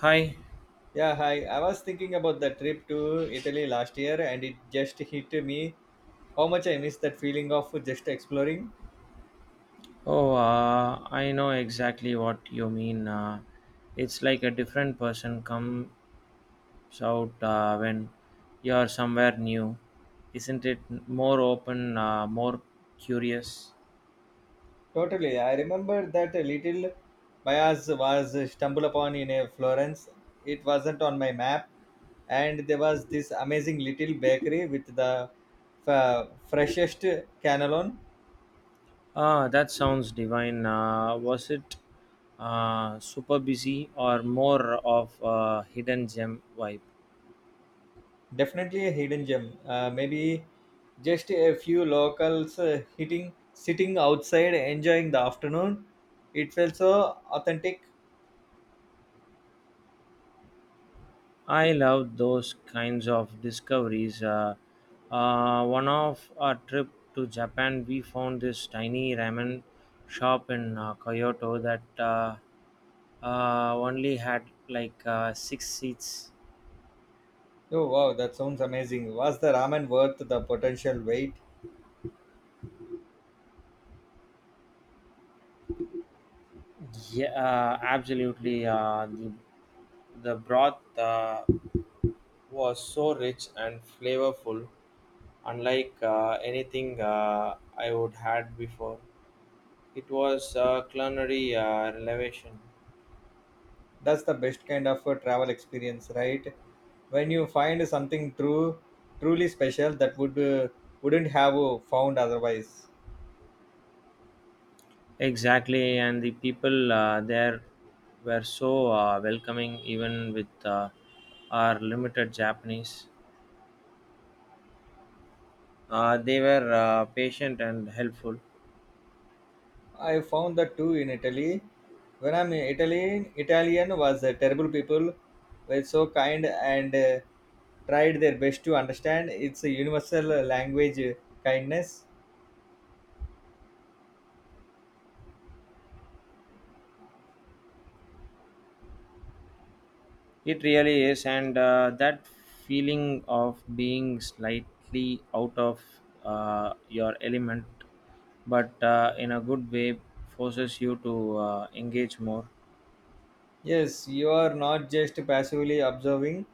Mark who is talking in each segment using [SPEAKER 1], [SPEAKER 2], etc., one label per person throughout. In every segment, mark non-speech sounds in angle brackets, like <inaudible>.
[SPEAKER 1] Hi.
[SPEAKER 2] Yeah, hi. I was thinking about the trip to Italy last year and it just hit me how much I miss that feeling of just exploring.
[SPEAKER 1] Oh, I know exactly what you mean. It's like a different person comes out when you're somewhere new. Isn't it more open, more curious?
[SPEAKER 2] Totally. I remember that a little bias was stumbled upon in a Florence. It wasn't on my map, and there was this amazing little bakery with the freshest cannelloni.
[SPEAKER 1] Ah, that sounds divine. Was it super busy or more of a hidden gem vibe?
[SPEAKER 2] Definitely a hidden gem. Maybe just a few locals hitting, sitting outside, enjoying the afternoon. It felt so authentic.
[SPEAKER 1] I love those kinds of discoveries. One of our trip to Japan, we found this tiny ramen shop in Kyoto that only had like six seats.
[SPEAKER 2] Oh wow, that sounds amazing. Was the ramen worth the potential wait?
[SPEAKER 1] Yeah, absolutely. The broth was so rich and flavorful, unlike anything I would had before. It was a culinary revelation.
[SPEAKER 2] That's the best kind of a travel experience, right? When you find something truly special that wouldn't have found otherwise.
[SPEAKER 1] Exactly, and the people there were so welcoming, even with our limited Japanese. They were patient and helpful.
[SPEAKER 2] I found that too in Italy. When I'm in Italy, Italian was terrible. People were so kind and tried their best to understand. It's a universal language, kindness.
[SPEAKER 1] It really is, and that feeling of being slightly out of your element, but in a good way, forces you to engage more.
[SPEAKER 2] Yes, you are not just passively observing,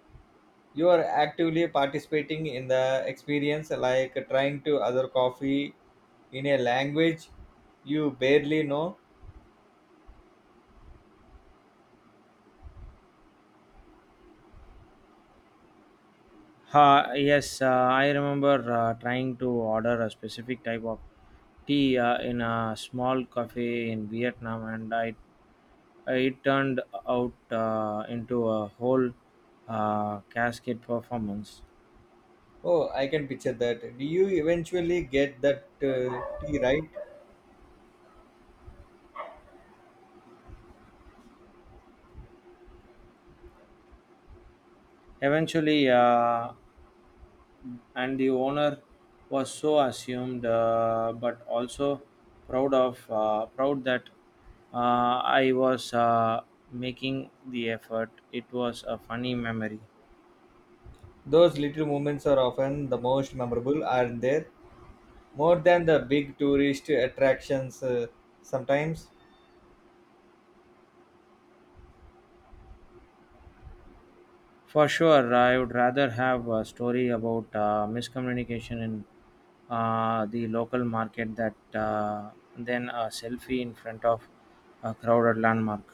[SPEAKER 2] you are actively participating in the experience, like trying to other coffee in a language you barely know.
[SPEAKER 1] Yes, I remember trying to order a specific type of tea in a small cafe in Vietnam, it turned out into a whole cascade performance.
[SPEAKER 2] Oh, I can picture that. Do you eventually get that tea right?
[SPEAKER 1] Eventually, and the owner was so assumed, but also proud that I was making the effort. It was a funny memory.
[SPEAKER 2] Those little moments are often the most memorable, aren't they? More than the big tourist attractions sometimes.
[SPEAKER 1] For sure, I would rather have a story about miscommunication in the local market that than a selfie in front of a crowded landmark.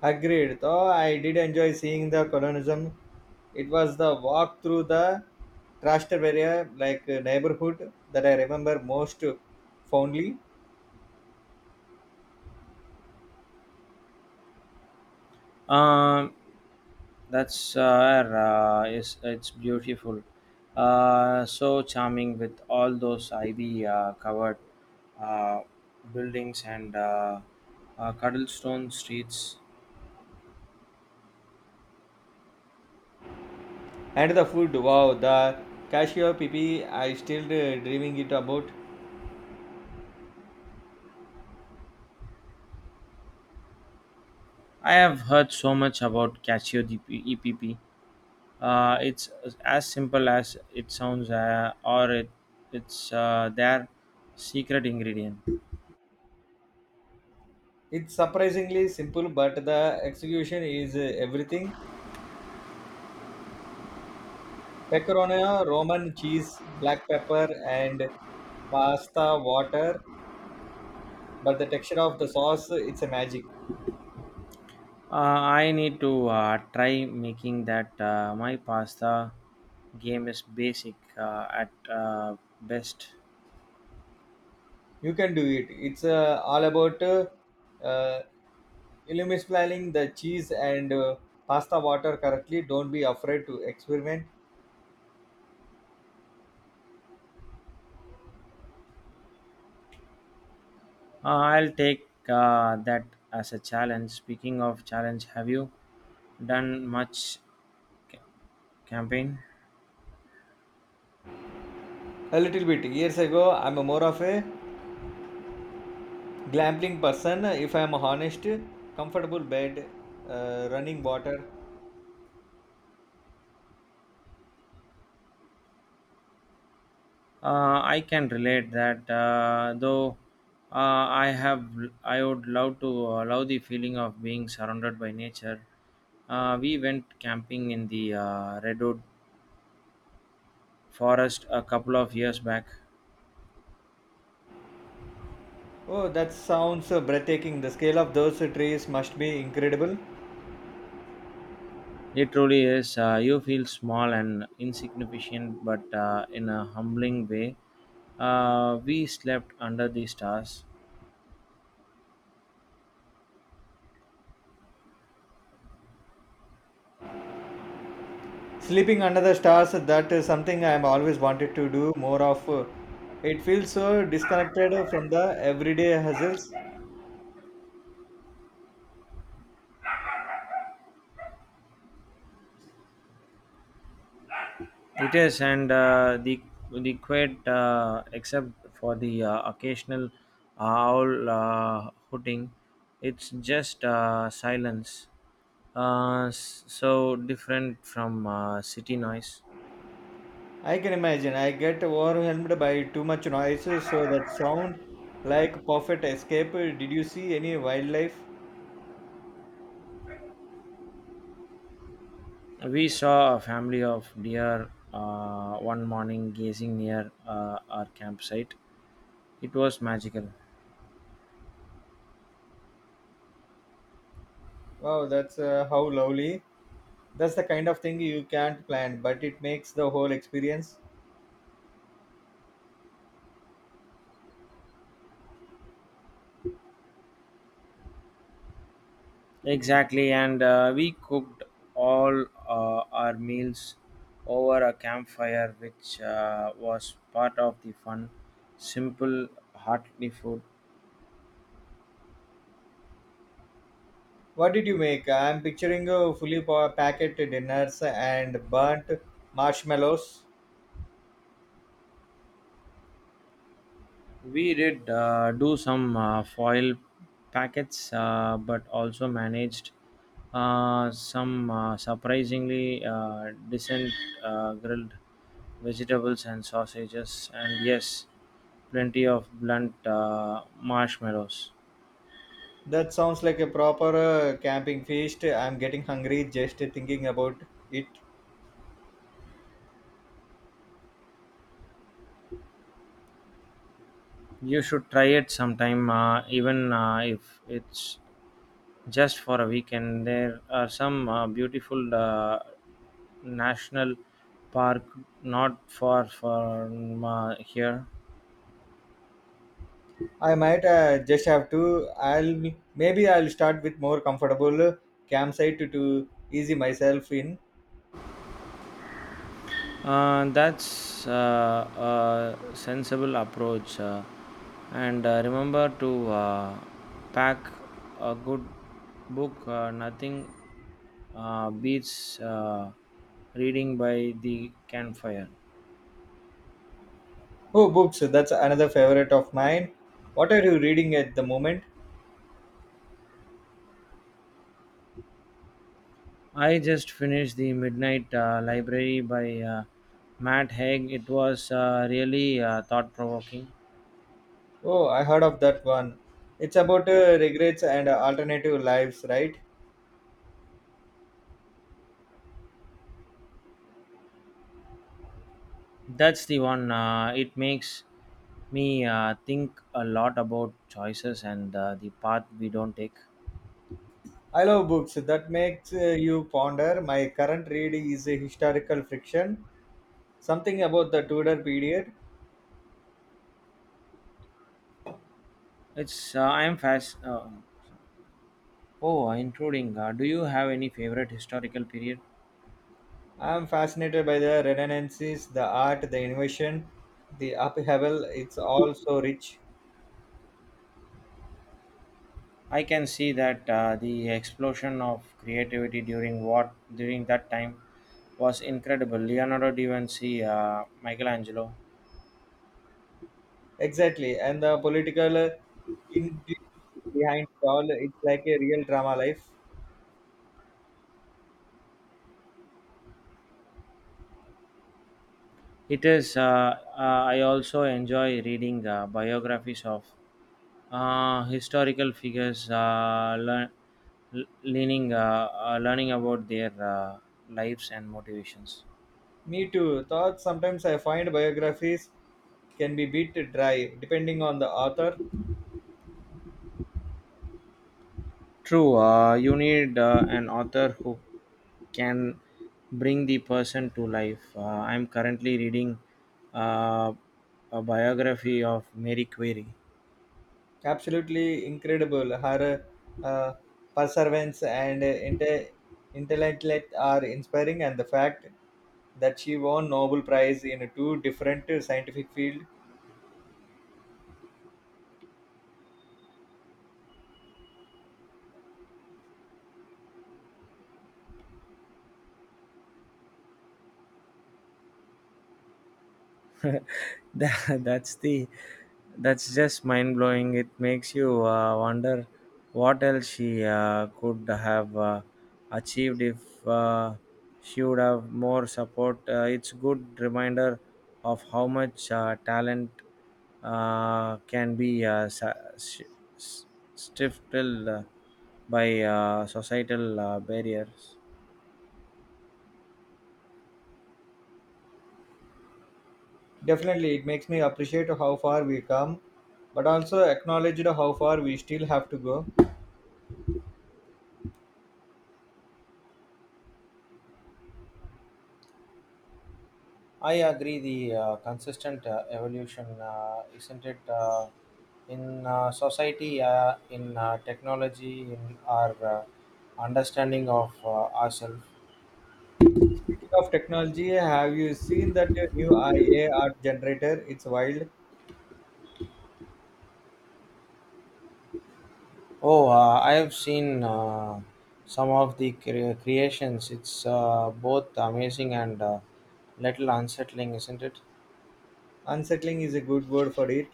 [SPEAKER 2] Agreed, though I did enjoy seeing the colonism. It was the walk through the Trastevere neighborhood that I remember most fondly.
[SPEAKER 1] Um, that's it's beautiful. So charming with all those ivy covered uh, buildings and cobblestone streets.
[SPEAKER 2] And the food, wow, the cashew pipi, I still dreaming it about.
[SPEAKER 1] I have heard so much about Casio DPEPP. It's as simple as it sounds, it's their secret ingredient.
[SPEAKER 2] It's surprisingly simple, but the execution is everything. Pecorino, Roman cheese, black pepper, and pasta water. But the texture of the sauce, it's a magic.
[SPEAKER 1] I need to try making that. My pasta game is basic at best.
[SPEAKER 2] You can do it. It's all about eliminating the cheese and pasta water correctly. Don't be afraid to experiment
[SPEAKER 1] I'll take that as a challenge. Speaking of challenge, have you done much campaign?
[SPEAKER 2] a little bit. Years ago, I'm a more of a glamping person. If I'm honest, comfortable bed, running water.
[SPEAKER 1] I can relate that, though. Uh, I have, I would love to love the feeling of being surrounded by nature. We went camping in the redwood forest a couple of years back.
[SPEAKER 2] Oh, that sounds breathtaking. The scale of those trees must be incredible.
[SPEAKER 1] It truly is. You feel small and insignificant, but in a humbling way. We slept under the stars.
[SPEAKER 2] Sleeping under the stars, that is something I have always wanted to do more of. It feels so disconnected from the everyday hassles.
[SPEAKER 1] It is, and the quiet, except for the occasional owl hooting, it's just silence. So different from city noise.
[SPEAKER 2] I can imagine I get overwhelmed by too much noise, so that sound like perfect escape. Did you see any wildlife?
[SPEAKER 1] We saw a family of deer one morning gazing near our campsite. It was magical.
[SPEAKER 2] Wow, that's how lovely. That's the kind of thing you can't plan, but it makes the whole experience.
[SPEAKER 1] Exactly, and we cooked all our meals over a campfire, which was part of the fun. Simple, hearty food.
[SPEAKER 2] What did you make? I'm picturing fully packed dinners and burnt marshmallows.
[SPEAKER 1] We did do some foil packets, but also managed some surprisingly decent grilled vegetables and sausages, and yes, plenty of blunt marshmallows.
[SPEAKER 2] That sounds like a proper camping feast. I'm getting hungry just thinking about it.
[SPEAKER 1] You should try it sometime, even if it's just for a weekend. There are some beautiful national park not far from here.
[SPEAKER 2] I might just have to. I'll Maybe I'll start with more comfortable campsite to easy myself in.
[SPEAKER 1] That's a sensible approach, and remember to pack a good book. Nothing beats reading by the campfire.
[SPEAKER 2] Oh, books. That's another favorite of mine. What are you reading at the moment?
[SPEAKER 1] I just finished The Midnight Library by Matt Haig. It was really thought provoking.
[SPEAKER 2] Oh, I heard of that one. It's about regrets and alternative lives, right?
[SPEAKER 1] That's the one, it makes me think a lot about choices and the path we don't take.
[SPEAKER 2] I love books that makes you ponder. My current read is a historical fiction, something about the Tudor period.
[SPEAKER 1] It's I am fast. Oh, intruding. Do you have any favorite historical period?
[SPEAKER 2] I'm fascinated by the redundancies, the art, the innovation, the upheaval. It's all so rich.
[SPEAKER 1] I can see that the explosion of creativity during that time was incredible. Leonardo da Vinci, Michelangelo.
[SPEAKER 2] Exactly. And the political intrigue behind it all. It's like a real drama life.
[SPEAKER 1] It is. I also enjoy reading biographies of historical figures, leaning, learning about their lives and motivations.
[SPEAKER 2] Me too. Thoughts sometimes I find biographies can be bit dry depending on the author.
[SPEAKER 1] True, you need an author who can bring the person to life. I'm currently reading uh, a biography of Mary Query.
[SPEAKER 2] Absolutely incredible. Her uh, perseverance and intellect are inspiring, and the fact that she won Nobel Prize in two different scientific fields
[SPEAKER 1] <laughs> That that's the that's just mind blowing. It makes you wonder what else she could have achieved if she would have more support. It's good reminder of how much talent can be s- stifled by societal barriers.
[SPEAKER 2] definitely it makes me appreciate how far we come, but also acknowledge how far we still have to go.
[SPEAKER 1] I agree. The consistent evolution, isn't it, in society, in technology, in our understanding of ourselves.
[SPEAKER 2] Speaking of technology, have you seen that new IA art generator? It's wild.
[SPEAKER 1] Oh, I have seen some of the creations. It's both amazing and little unsettling, isn't it?
[SPEAKER 2] Unsettling is a good word for it.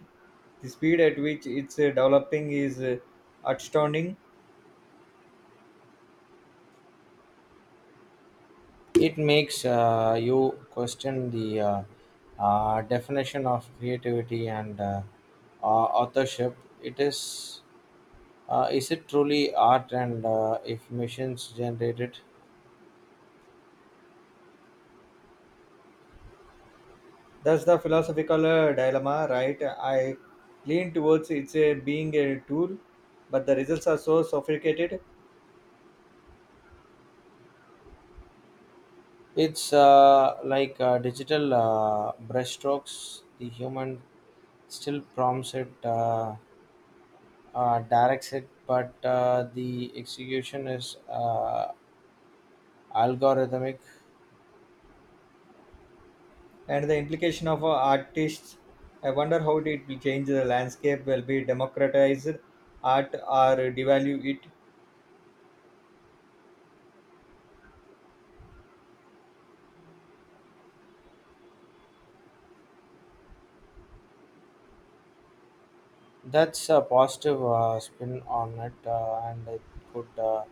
[SPEAKER 2] The speed at which it's developing is astounding.
[SPEAKER 1] It makes you question the definition of creativity and authorship. It is. Is it truly art and if machines generated?
[SPEAKER 2] That's the philosophical dilemma, right? I lean towards it's being a tool, but the results are so sophisticated,
[SPEAKER 1] It's like digital brushstrokes. The human still prompts it, directs it, but the execution is algorithmic.
[SPEAKER 2] and the implication of artists. I wonder how it will change the landscape. Will be democratized art or devalue it?
[SPEAKER 1] That's a positive spin on it, and it could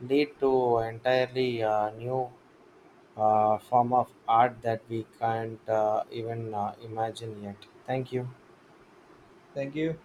[SPEAKER 1] lead to entirely new form of art that we can't even imagine yet. Thank you.
[SPEAKER 2] Thank you.